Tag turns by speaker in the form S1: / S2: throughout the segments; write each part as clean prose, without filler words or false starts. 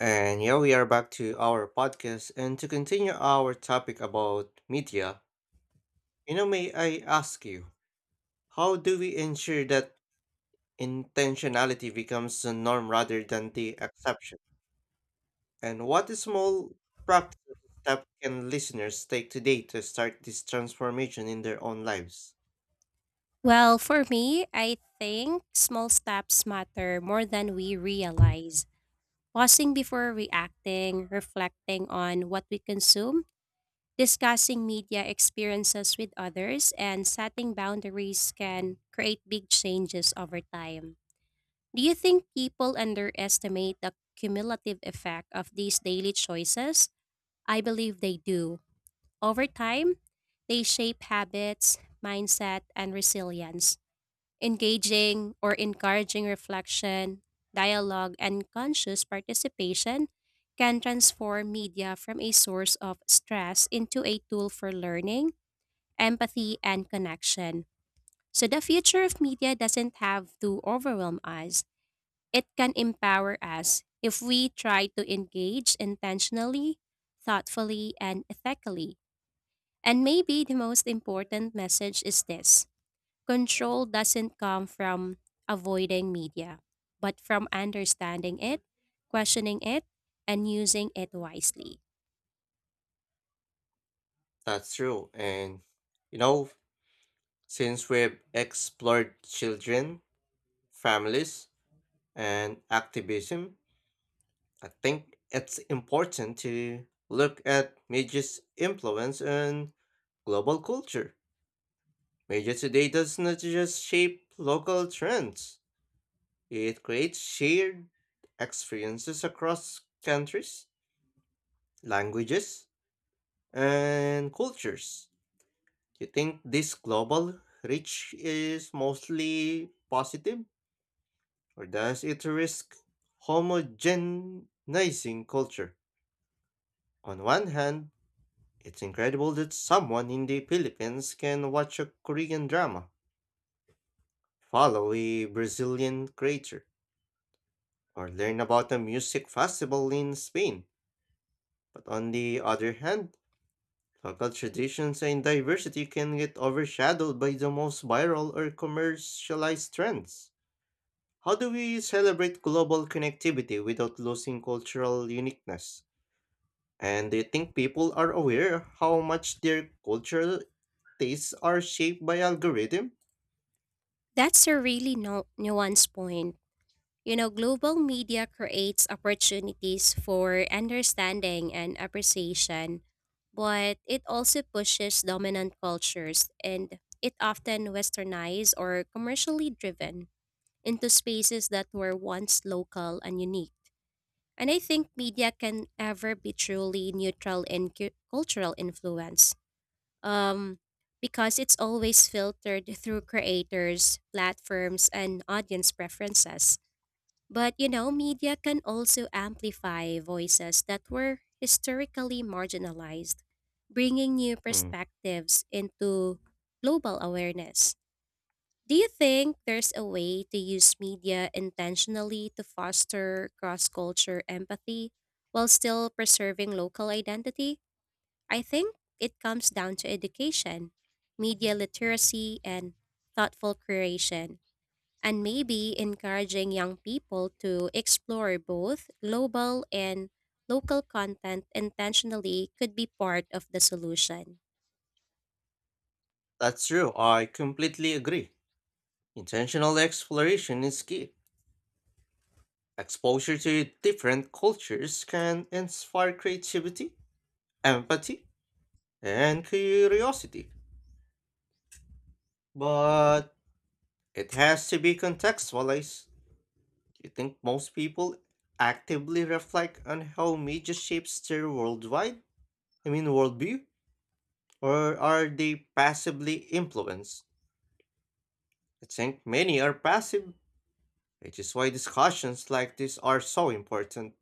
S1: And yeah, we are back to our podcast. And to continue our topic about media, you know, may I ask you, how do we ensure that intentionality becomes the norm rather than the exception? And what small practical step can listeners take today to start this transformation in their own lives?
S2: Well, for me, I think small steps matter more than we realize. Pausing before reacting, reflecting on what we consume, discussing media experiences with others, and setting boundaries can create big changes over time. Do you think people underestimate the cumulative effect of these daily choices? I believe they do. Over time, they shape habits, mindset, and resilience engaging or encouraging reflection, dialogue, and conscious participation can transform media from a source of stress into a tool for learning, empathy, and connection. So, the future of media doesn't have to overwhelm us, it can empower us if we try to engage intentionally, thoughtfully, and ethically. And maybe the most important message is this. Control doesn't come from avoiding media, but from understanding it, questioning it, and using it wisely.
S1: That's true. And, you know, since we've explored children, families, and activism, I think it's important to look at media's influence on global culture. Media today does not just shape local trends, it creates shared experiences across countries, languages, and cultures. Do you think this global reach is mostly positive, or does it risk homogenizing culture? On one hand, it's incredible that someone in the Philippines can watch a Korean drama, follow a Brazilian creator, or learn about a music festival in Spain. But on the other hand, local traditions and diversity can get overshadowed by the most viral or commercialized trends. How do we celebrate global connectivity without losing cultural uniqueness? And do you think people are aware how much their cultural tastes are shaped by algorithm?
S2: That's a really nuanced point. You know, global media creates opportunities for understanding and appreciation, but it also pushes dominant cultures and it often westernized or commercially driven into spaces that were once local and unique. And I think media can ever be truly neutral in cultural influence, um, because it's always filtered through creators, platforms, and audience preferences. But you know, media can also amplify voices that were historically marginalized, bringing new
S1: Mm.
S2: perspectives into global awareness. Do you think there's a way to use media intentionally to foster cross culture empathy while still preserving local identity? I think it comes down to education, media literacy, and thoughtful creation, and maybe encouraging young people to explore both global and local content intentionally could be part of the solution.
S1: That's true. I completely agree. Intentional exploration is key. Exposure to different cultures can inspire creativity, empathy, and curiosity, but it has to be contextualized. Do you think most people actively reflect on how media shapes their worldwide, I mean worldview, or are they passively influenced? I think many are passive, which is why discussions like this are so important.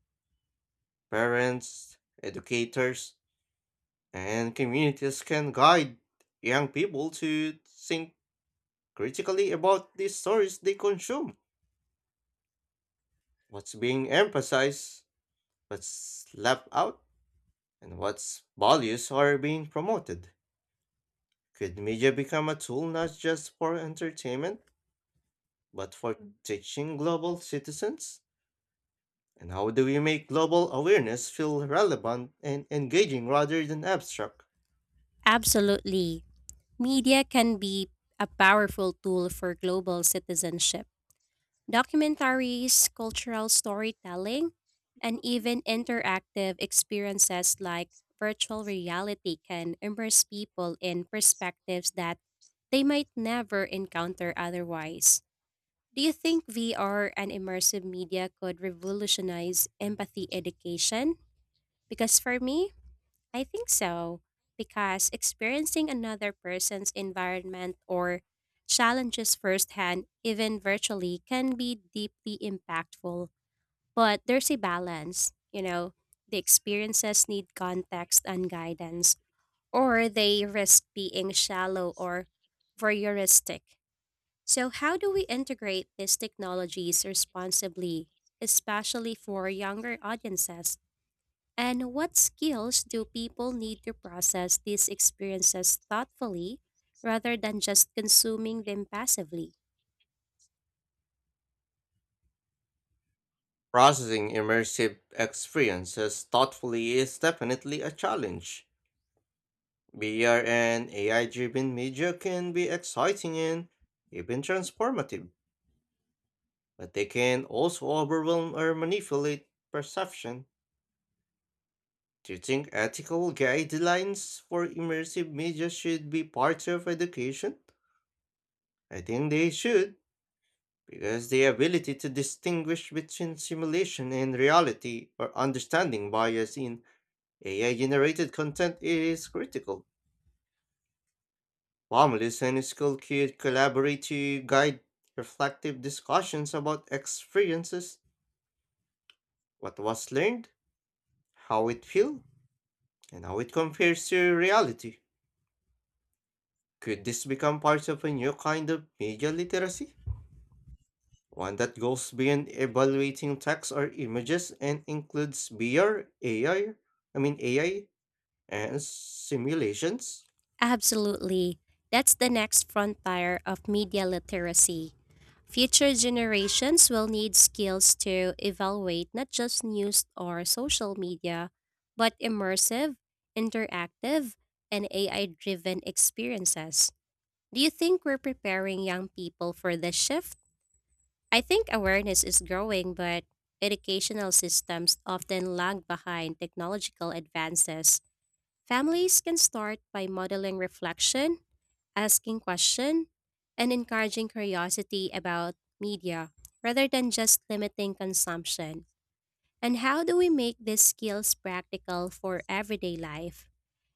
S1: Parents, educators, and communities can guide young people to think critically about the stories they consume, what's being emphasized, what's left out, and what's values are being promoted. Could media become a tool not just for entertainment, but for teaching global citizens? And how do we make global awareness feel relevant and engaging rather than abstract?
S2: Absolutely. Media can be a powerful tool for global citizenship. Documentaries, cultural storytelling, and even interactive experiences like virtual reality can immerse people in perspectives that they might never encounter otherwise. Do you think VR and immersive media could revolutionize empathy education? Because for me, I think so, because experiencing another person's environment or challenges firsthand, even virtually, can be deeply impactful. But there's a balance, you know, the experiences need context and guidance, or they risk being shallow or voyeuristic. So, how do we integrate these technologies responsibly, especially for younger audiences? And what skills do people need to process these experiences thoughtfully rather than just consuming them passively?
S1: Processing immersive experiences thoughtfully is definitely a challenge. VR and AI driven media can be exciting and even transformative, but they can also overwhelm or manipulate perception. Do you think ethical guidelines for immersive media should be part of education? I think they should, because the ability to distinguish between simulation and reality or understanding bias in AI generated content is critical. Families and school could collaborate to guide reflective discussions about experiences, what was learned, how it feels, and how it compares to reality. Could this become part of a new kind of media literacy? One that goes beyond evaluating text or images and includes VR, AI, and simulations?
S2: Absolutely. That's the next frontier of media literacy. Future generations will need skills to evaluate not just news or social media, but immersive, interactive, and AI driven experiences. Do you think we're preparing young people for this shift? I think awareness is growing, but educational systems often lag behind technological advances. Families can start by modeling reflection, asking questions, and encouraging curiosity about media rather than just limiting consumption. And how do we make these skills practical for everyday life?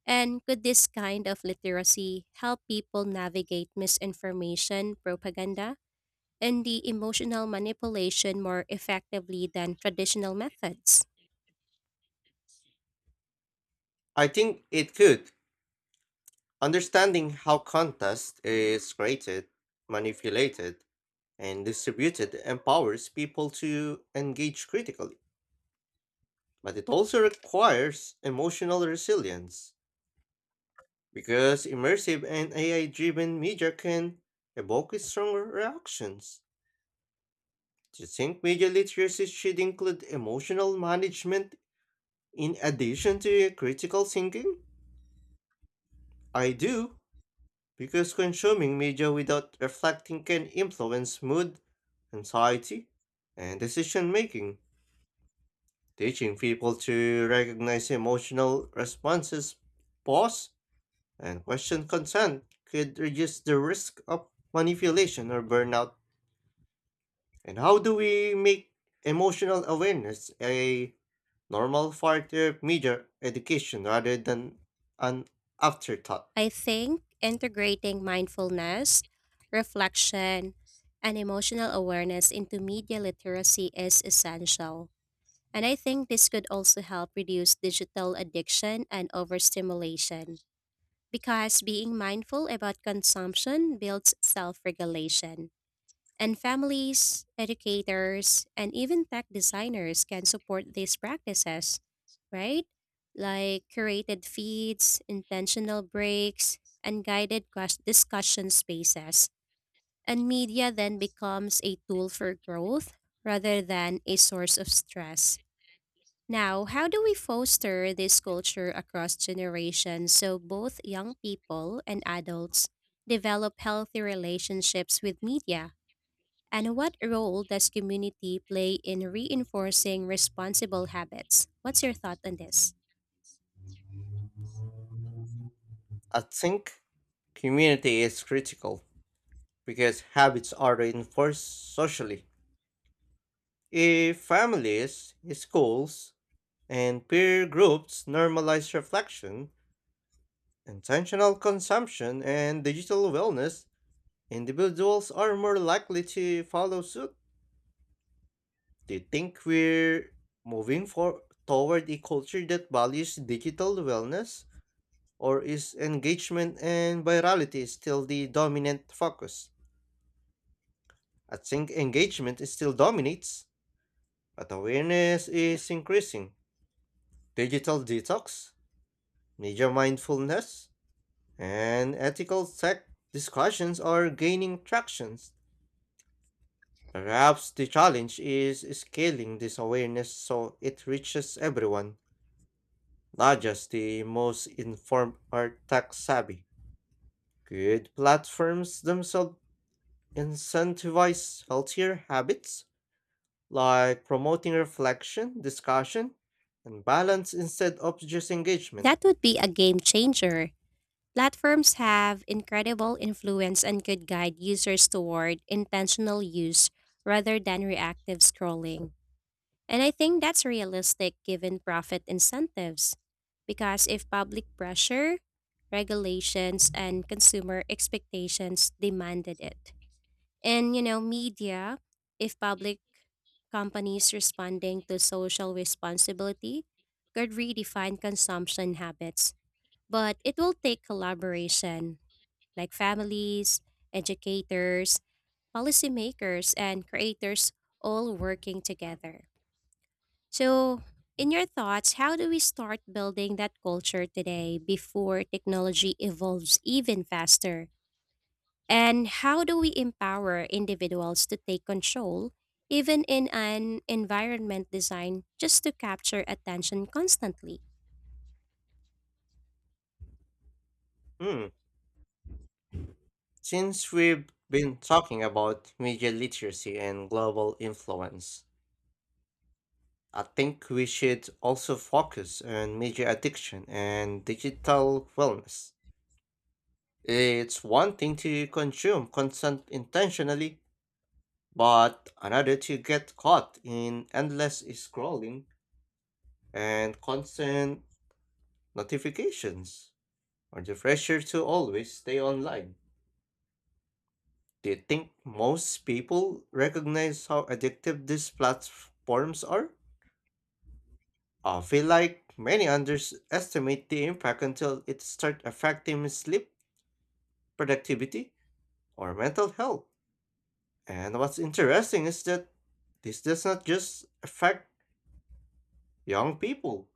S2: And could this kind of literacy help people navigate misinformation propaganda and the emotional manipulation more effectively than traditional methods?
S1: I think it could. Understanding how contest is created, manipulated, and distributed empowers people to engage critically, but it also requires emotional resilience because immersive and AI driven media can evoke stronger reactions. Do you think media literacy should include emotional management in addition to critical thinking? I do. Because consuming media without reflecting can influence mood, anxiety, and decision making. Teaching people to recognize emotional responses, pause, and question consent could reduce the risk of manipulation or burnout. And how do we make emotional awareness a normal part of media education rather than an afterthought?
S2: I think integrating mindfulness, reflection, and emotional awareness into media literacy is essential. And I think this could also help reduce digital addiction and overstimulation because being mindful about consumption builds self regulation. And families, educators, and even tech designers can support these practices, right? Like curated feeds, intentional breaks, and guided discussion spaces. And media then becomes a tool for growth rather than a source of stress. Now, how do we foster this culture across generations so both young people and adults develop healthy relationships with media? And what role does community play in reinforcing responsible habits? What's your thought on this?
S1: I think community is critical because habits are reinforced socially. If families, schools, and peer groups normalize reflection, intentional consumption, and digital wellness, individuals are more likely to follow suit. Do you think we're toward a culture that values digital wellness, or is engagement and virality still the dominant focus? I think engagement is still dominates. But awareness is increasing. Digital detox, media mindfulness, and ethical tech discussions are gaining traction. Perhaps the challenge is scaling this awareness so it reaches everyone, not just the most informed or tech savvy. Could platforms themselves incentivize healthier habits, like promoting reflection, discussion, and balance instead of just engagement?
S2: That would be a game changer. Platforms have incredible influence and could guide users toward intentional use rather than reactive scrolling. And I think that's realistic given profit incentives. Because if public pressure, regulations, and consumer expectations demanded it. And you know, media, if public companies responding to social responsibility, could redefine consumption habits. But it will take collaboration, like families, educators, policymakers, and creators all working together. So, in your thoughts, how do we start building that culture today before technology evolves even faster? And how do we empower individuals to take control, even in an environment designed just to capture attention constantly?
S1: Hmm. Since we've been talking about media literacy and global influence, I think we should also focus on media addiction and digital wellness. It's one thing to consume content intentionally, but another to get caught in endless scrolling and constant notifications or the pressure to always stay online. Do you think most people recognize how addictive these platforms are? I feel like many underestimate the impact until it starts affecting sleep, productivity, or mental health. And what's interesting is that this does not just affect young people.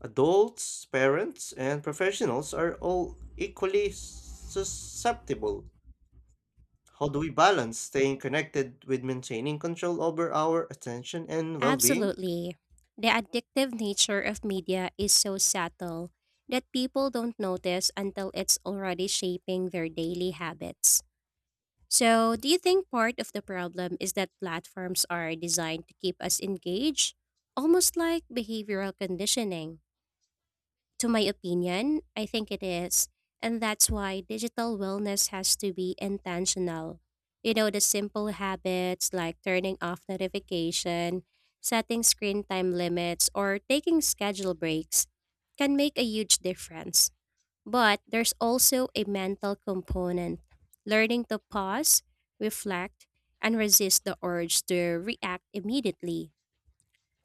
S1: Adults, parents, and professionals are all equally susceptible. How do we balance staying connected with maintaining control over our attention and well being?
S2: Absolutely. The addictive nature of media is so subtle that people don't notice until it's already shaping their daily habits. So, do you think part of the problem is that platforms are designed to keep us engaged, almost like behavioral conditioning? To my opinion, I think it is. And that's why digital wellness has to be intentional. You know, the simple habits like turning off notification, setting screen time limits, or taking schedule breaks can make a huge difference. But there's also a mental component. Learning to pause, reflect, and resist the urge to react immediately,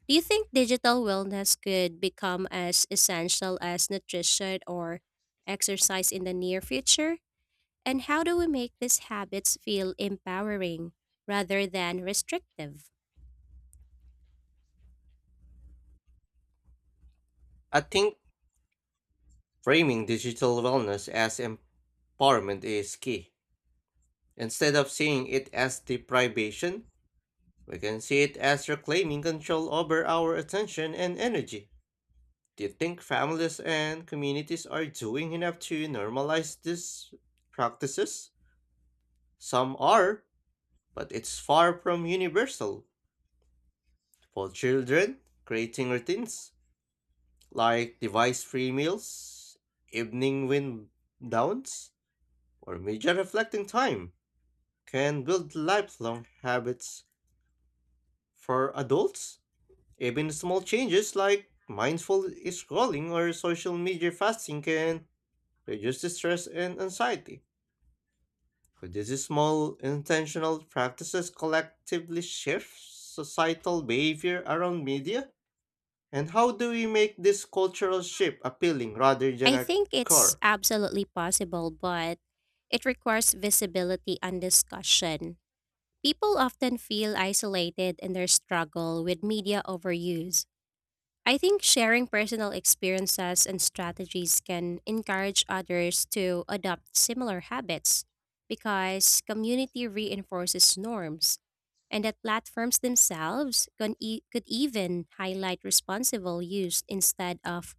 S2: do you think digital wellness could become as essential as nutrition or exercise in the near future? And how do we make these habits feel empowering rather than restrictive?
S1: I think framing digital wellness as empowerment is key. Instead of seeing it as deprivation, we can see it as reclaiming control over our attention and energy. Do you think families and communities are doing enough to normalize these practices? Some are, but it's far from universal. For children, creating routines like device free meals, evening wind downs, or media reflecting time can build lifelong habits. For adults, even small changes like mindful scrolling or social media fasting can reduce the stress and anxiety. Could these small intentional practices collectively shift societal behavior around media? And how do we make this cultural shift appealing rather than
S2: I
S1: a
S2: think it's
S1: chore?
S2: absolutely possible, but it requires visibility and discussion. People often feel isolated in their struggle with media overuse. I think sharing personal experiences and strategies can encourage others to adopt similar habits because community reinforces norms, and that platforms themselves could even highlight responsible use instead of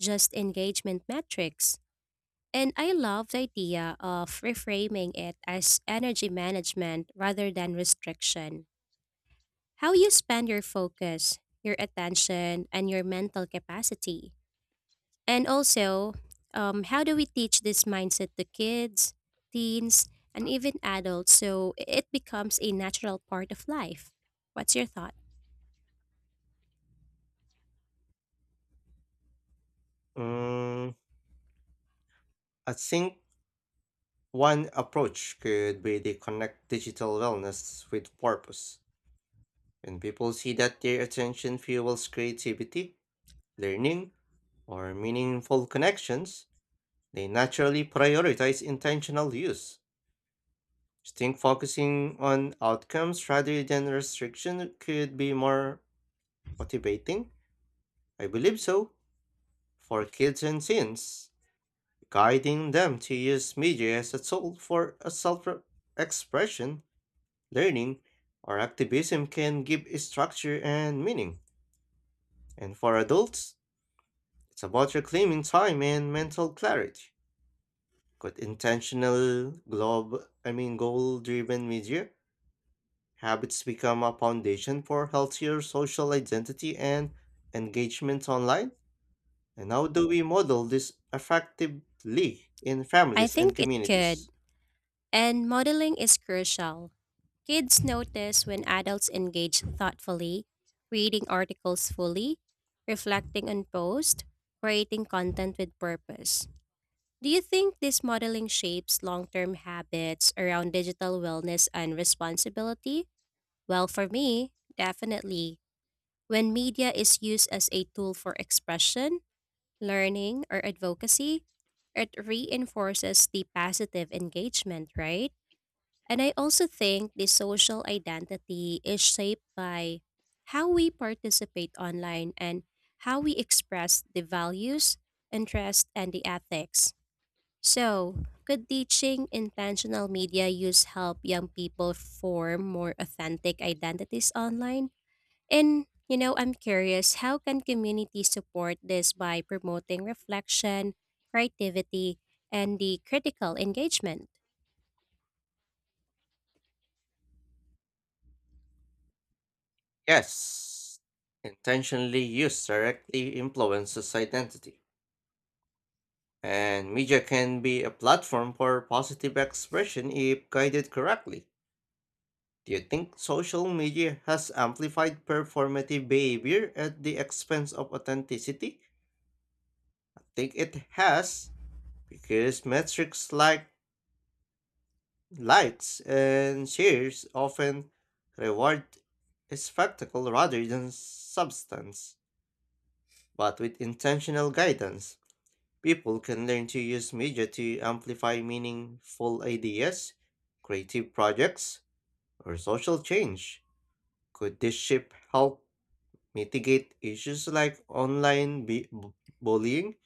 S2: just engagement metrics. And I love the idea of reframing it as energy management rather than restriction. How you spend your focus, your attention, and your mental capacity. And also, how do we teach this mindset to kids, teens, and even adults so it becomes a natural part of life? What's your thought?
S1: Mm, I think one approach could be to connect digital wellness with purpose. When people see that their attention fuels creativity, learning, or meaningful connections, they naturally prioritize intentional use. I think focusing on outcomes rather than restriction could be more motivating. I believe so. For kids and teens, guiding them to use media as a tool for a self expression, learning, or activism can give structure and meaning. And for adults, it's about reclaiming time and mental clarity. Could intentional, globe, I mean goal-driven media habits become a foundation for healthier social identity and engagement online? And how do we model this effectively in
S2: I
S1: families and
S2: think it could.
S1: communities?
S2: And modeling is crucial. Kids notice when adults engage thoughtfully, reading articles fully, reflecting on posts, creating content with purpose. Do you think this modeling shapes long term habits around digital wellness and responsibility? Well, for me, definitely. When media is used as a tool for expression, learning, or advocacy, it reinforces the positive engagement, right? And I also think the social identity is shaped by how we participate online and how we express the values, interests, and the ethics. So, could teaching intentional media use help young people form more authentic identities online? And, you know, I'm curious how can communities support this by promoting reflection, creativity, and the critical engagement?
S1: Yes, intentionally used directly influences identity. And media can be a platform for positive expression if guided correctly. Do you think social media has amplified performative behavior at the expense of authenticity? I think it has, because metrics like likes and shares often reward spectacle rather than substance. But with intentional guidance, people can learn to use media to amplify meaningful ideas, creative projects, or social change. Could this shift help mitigate issues like online bullying,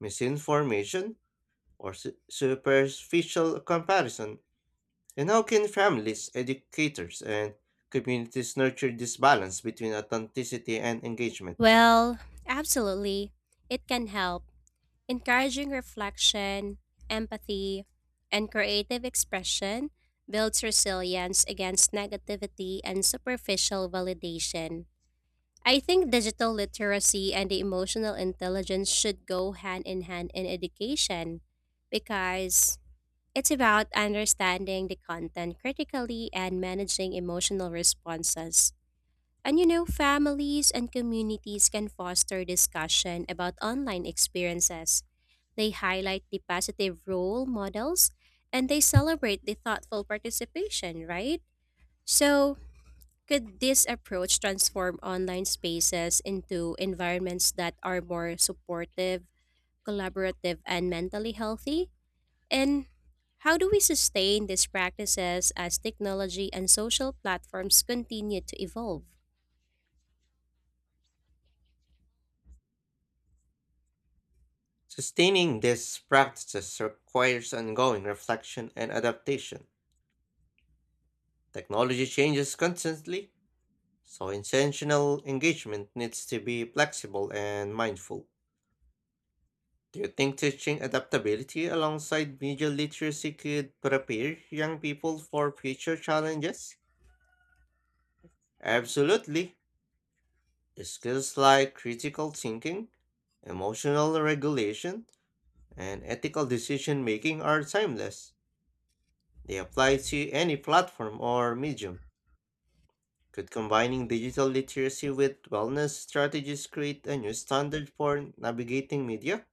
S1: misinformation, or superficial comparison? And how can families, educators, and communities nurture this balance between authenticity and engagement?
S2: Well, absolutely. It can help. Encouraging reflection, empathy, and creative expression builds resilience against negativity and superficial validation. I think digital literacy and the emotional intelligence should go hand in hand in education because it's about understanding the content critically and managing emotional responses. And you know, families and communities can foster discussion about online experiences. They highlight the positive role models and they celebrate the thoughtful participation, right? So, could this approach transform online spaces into environments that are more supportive, collaborative, and mentally healthy? And how do we sustain these practices as technology and social platforms continue to evolve?
S1: Sustaining these practices requires ongoing reflection and adaptation. Technology changes constantly, so intentional engagement needs to be flexible and mindful. Do you think teaching adaptability alongside media literacy could prepare young people for future challenges? Absolutely. Skills like critical thinking, emotional regulation, and ethical decision making are timeless. They apply to any platform or medium. Could combining digital literacy with wellness strategies create a new standard for navigating media?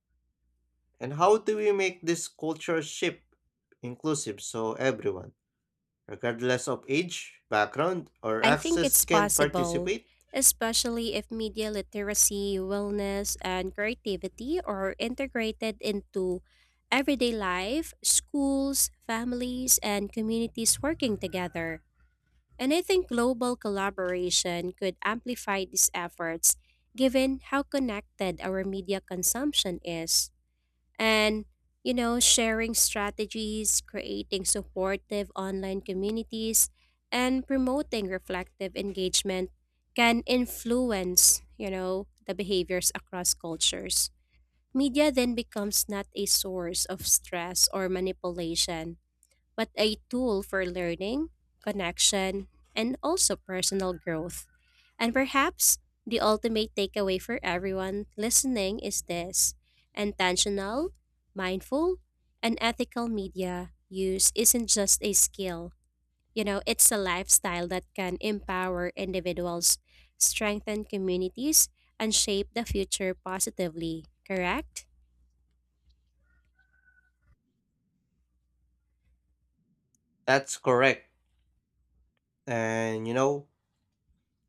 S1: And how do we make this culture shift inclusive so everyone, regardless of age, background, or
S2: I think
S1: access,
S2: it's
S1: can
S2: possible,
S1: participate?
S2: especially if media literacy, wellness, and creativity are integrated into everyday life, schools, families, and communities working together. And I think global collaboration could amplify these efforts given how connected our media consumption is. And, you know, sharing strategies, creating supportive online communities, and promoting reflective engagement can influence, you know, the behaviors across cultures. Media then becomes not a source of stress or manipulation but a tool for learning, connection, and also personal growth. And perhaps the ultimate takeaway for everyone listening is this intentional, mindful, and ethical media use isn't just a skill. You know, it's a lifestyle that can empower individuals, strengthen communities, and shape the future positively, correct?
S1: That's correct. And you know,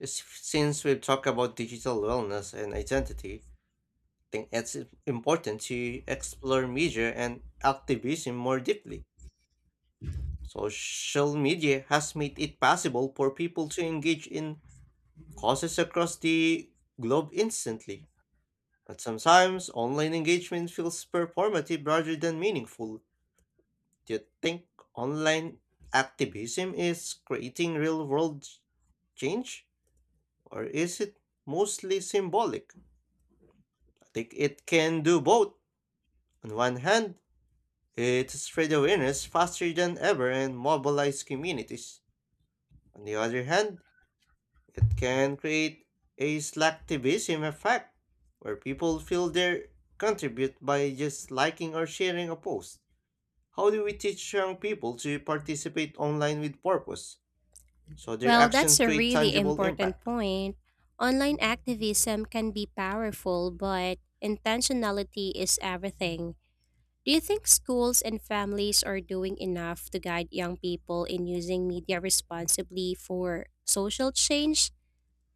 S1: since we've talked about digital wellness and identity, I think it's important to explore media and activism more deeply. Social media has made it possible for people to engage in causes across the globe instantly. But sometimes online engagement feels performative rather than meaningful. Do you think online activism is creating real world change? Or is it mostly symbolic? I think it can do both. On one hand, it spread awareness faster than ever and mobilize communities. On the other hand, it can create a slacktivism effect where people feel they contribute by just liking or sharing a post. How do we teach young people to participate online with purpose? So their
S2: Well,
S1: actions
S2: that's a
S1: create
S2: really
S1: tangible
S2: important
S1: impact.
S2: point. Online activism can be powerful, but intentionality is everything. Do you think schools and families are doing enough to guide young people in using media responsibly for social change?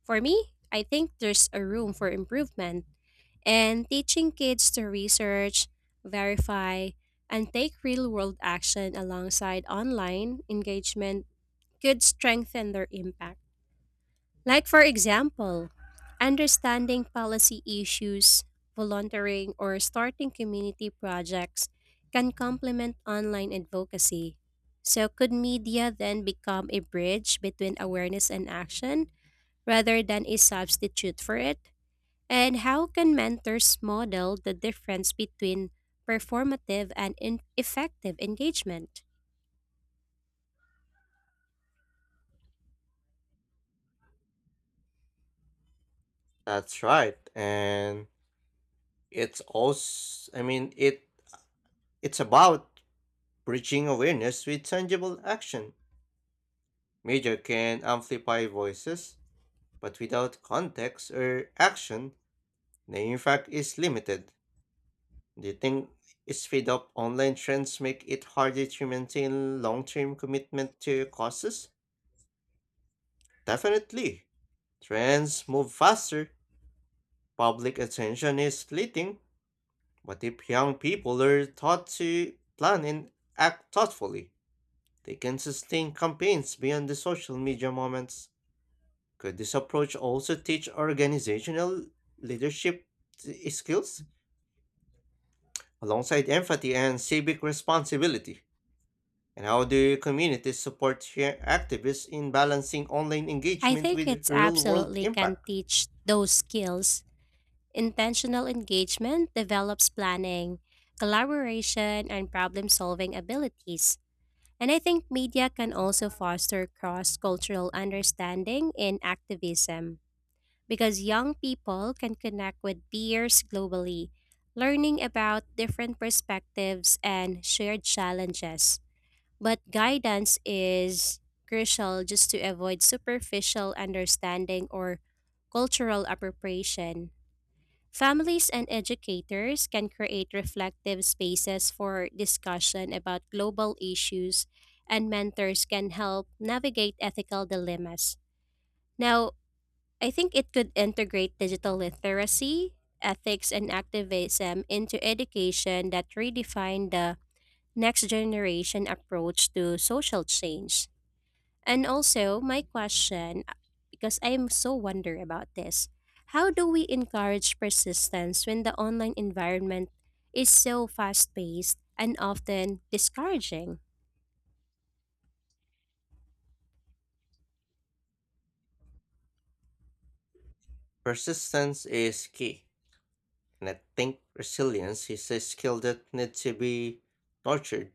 S2: For me, I think there's a room for improvement. And teaching kids to research, verify, and take real world action alongside online engagement could strengthen their impact. Like, for example, understanding policy issues, volunteering, or starting community projects can complement online advocacy. So, could media then become a bridge between awareness and action rather than a substitute for it? And how can mentors model the difference between performative and effective engagement?
S1: That's right. And it's also I mean it it's about bridging awareness with tangible action. Media can amplify voices, but without context or action, the impact is limited. Do you think speed up online trends make it harder to maintain long-term commitment to causes? Definitely. Trends move faster, public attention is fleeting, but if young people are taught to plan and act thoughtfully, they can sustain campaigns beyond the social media moments. Could this approach also teach organizational leadership skills alongside empathy and civic responsibility? And how do communities support share activists in balancing online
S2: I
S1: engagement
S2: think
S1: with
S2: it's
S1: real world
S2: absolutely can
S1: impact?
S2: teach those skills. Intentional engagement develops planning, collaboration, and problem solving abilities. And I think media can also foster cross cultural understanding in activism because young people can connect with peers globally, learning about different perspectives and shared challenges. But guidance is crucial just to avoid superficial understanding or cultural appropriation. Families and educators can create reflective spaces for discussion about global issues, and mentors can help navigate ethical dilemmas. Now, I think it could integrate digital literacy, ethics, and activism into education that redefine the next generation approach to social change. And also, my question, because I'm so wonder about this, how do we encourage persistence when the online environment is so fast-paced and often discouraging?
S1: Persistence is key, and I think resilience is a skill that needs to be nurtured.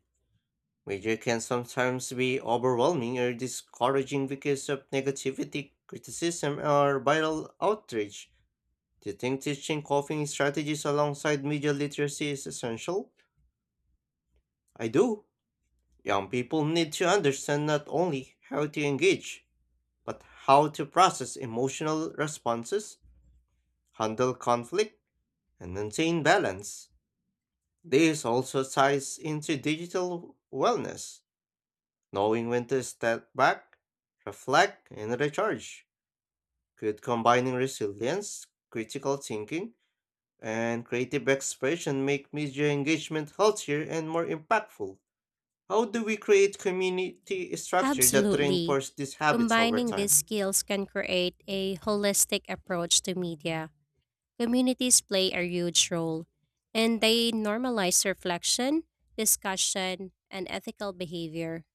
S1: Media can sometimes be overwhelming or discouraging because of negativity, criticism, or viral outrage. Do you think teaching coping strategies alongside media literacy is essential? I do. Young people need to understand not only how to engage, but how to process emotional responses, handle conflict, and maintain balance. This also ties into digital wellness. Knowing when to step back, reflect, and recharge. Could combining resilience, critical thinking, and creative expression make media engagement healthier and more impactful? How do we create community structure that
S2: Absolutely.
S1: reinforce these habits over
S2: Combining
S1: time?
S2: these skills can create a holistic approach to media. Communities play a huge role, and they normalize reflection, discussion, and ethical behavior.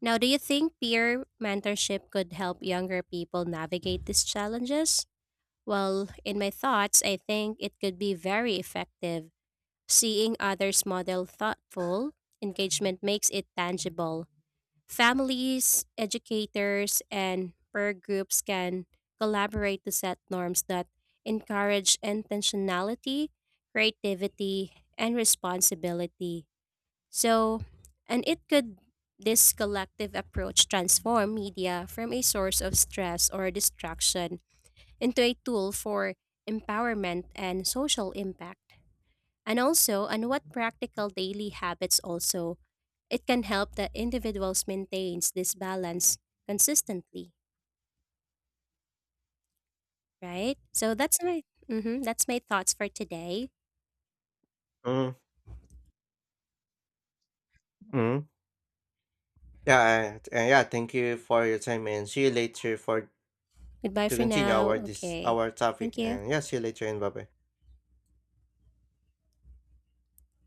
S2: Now, do you think peer mentorship could help younger people navigate these challenges? Well, in my thoughts, I think it could be very effective. Seeing others model thoughtful engagement makes it tangible. Families, educators, and peer groups can collaborate to set norms that encourage intentionality, creativity, and responsibility. So, and it could this collective approach transform media from a source of stress or distraction into a tool for empowerment and social impact. And also, on what practical daily habits also it can help the individuals maintains this balance consistently, right? So that's that's my thoughts for today.
S1: Mm-hmm. Yeah, yeah. Thank you for your time, and see you later for
S2: Goodbye
S1: to
S2: for
S1: continue
S2: now. Okay.
S1: our topic.
S2: Thank
S1: And
S2: you.
S1: yeah, see you later, and bye bye.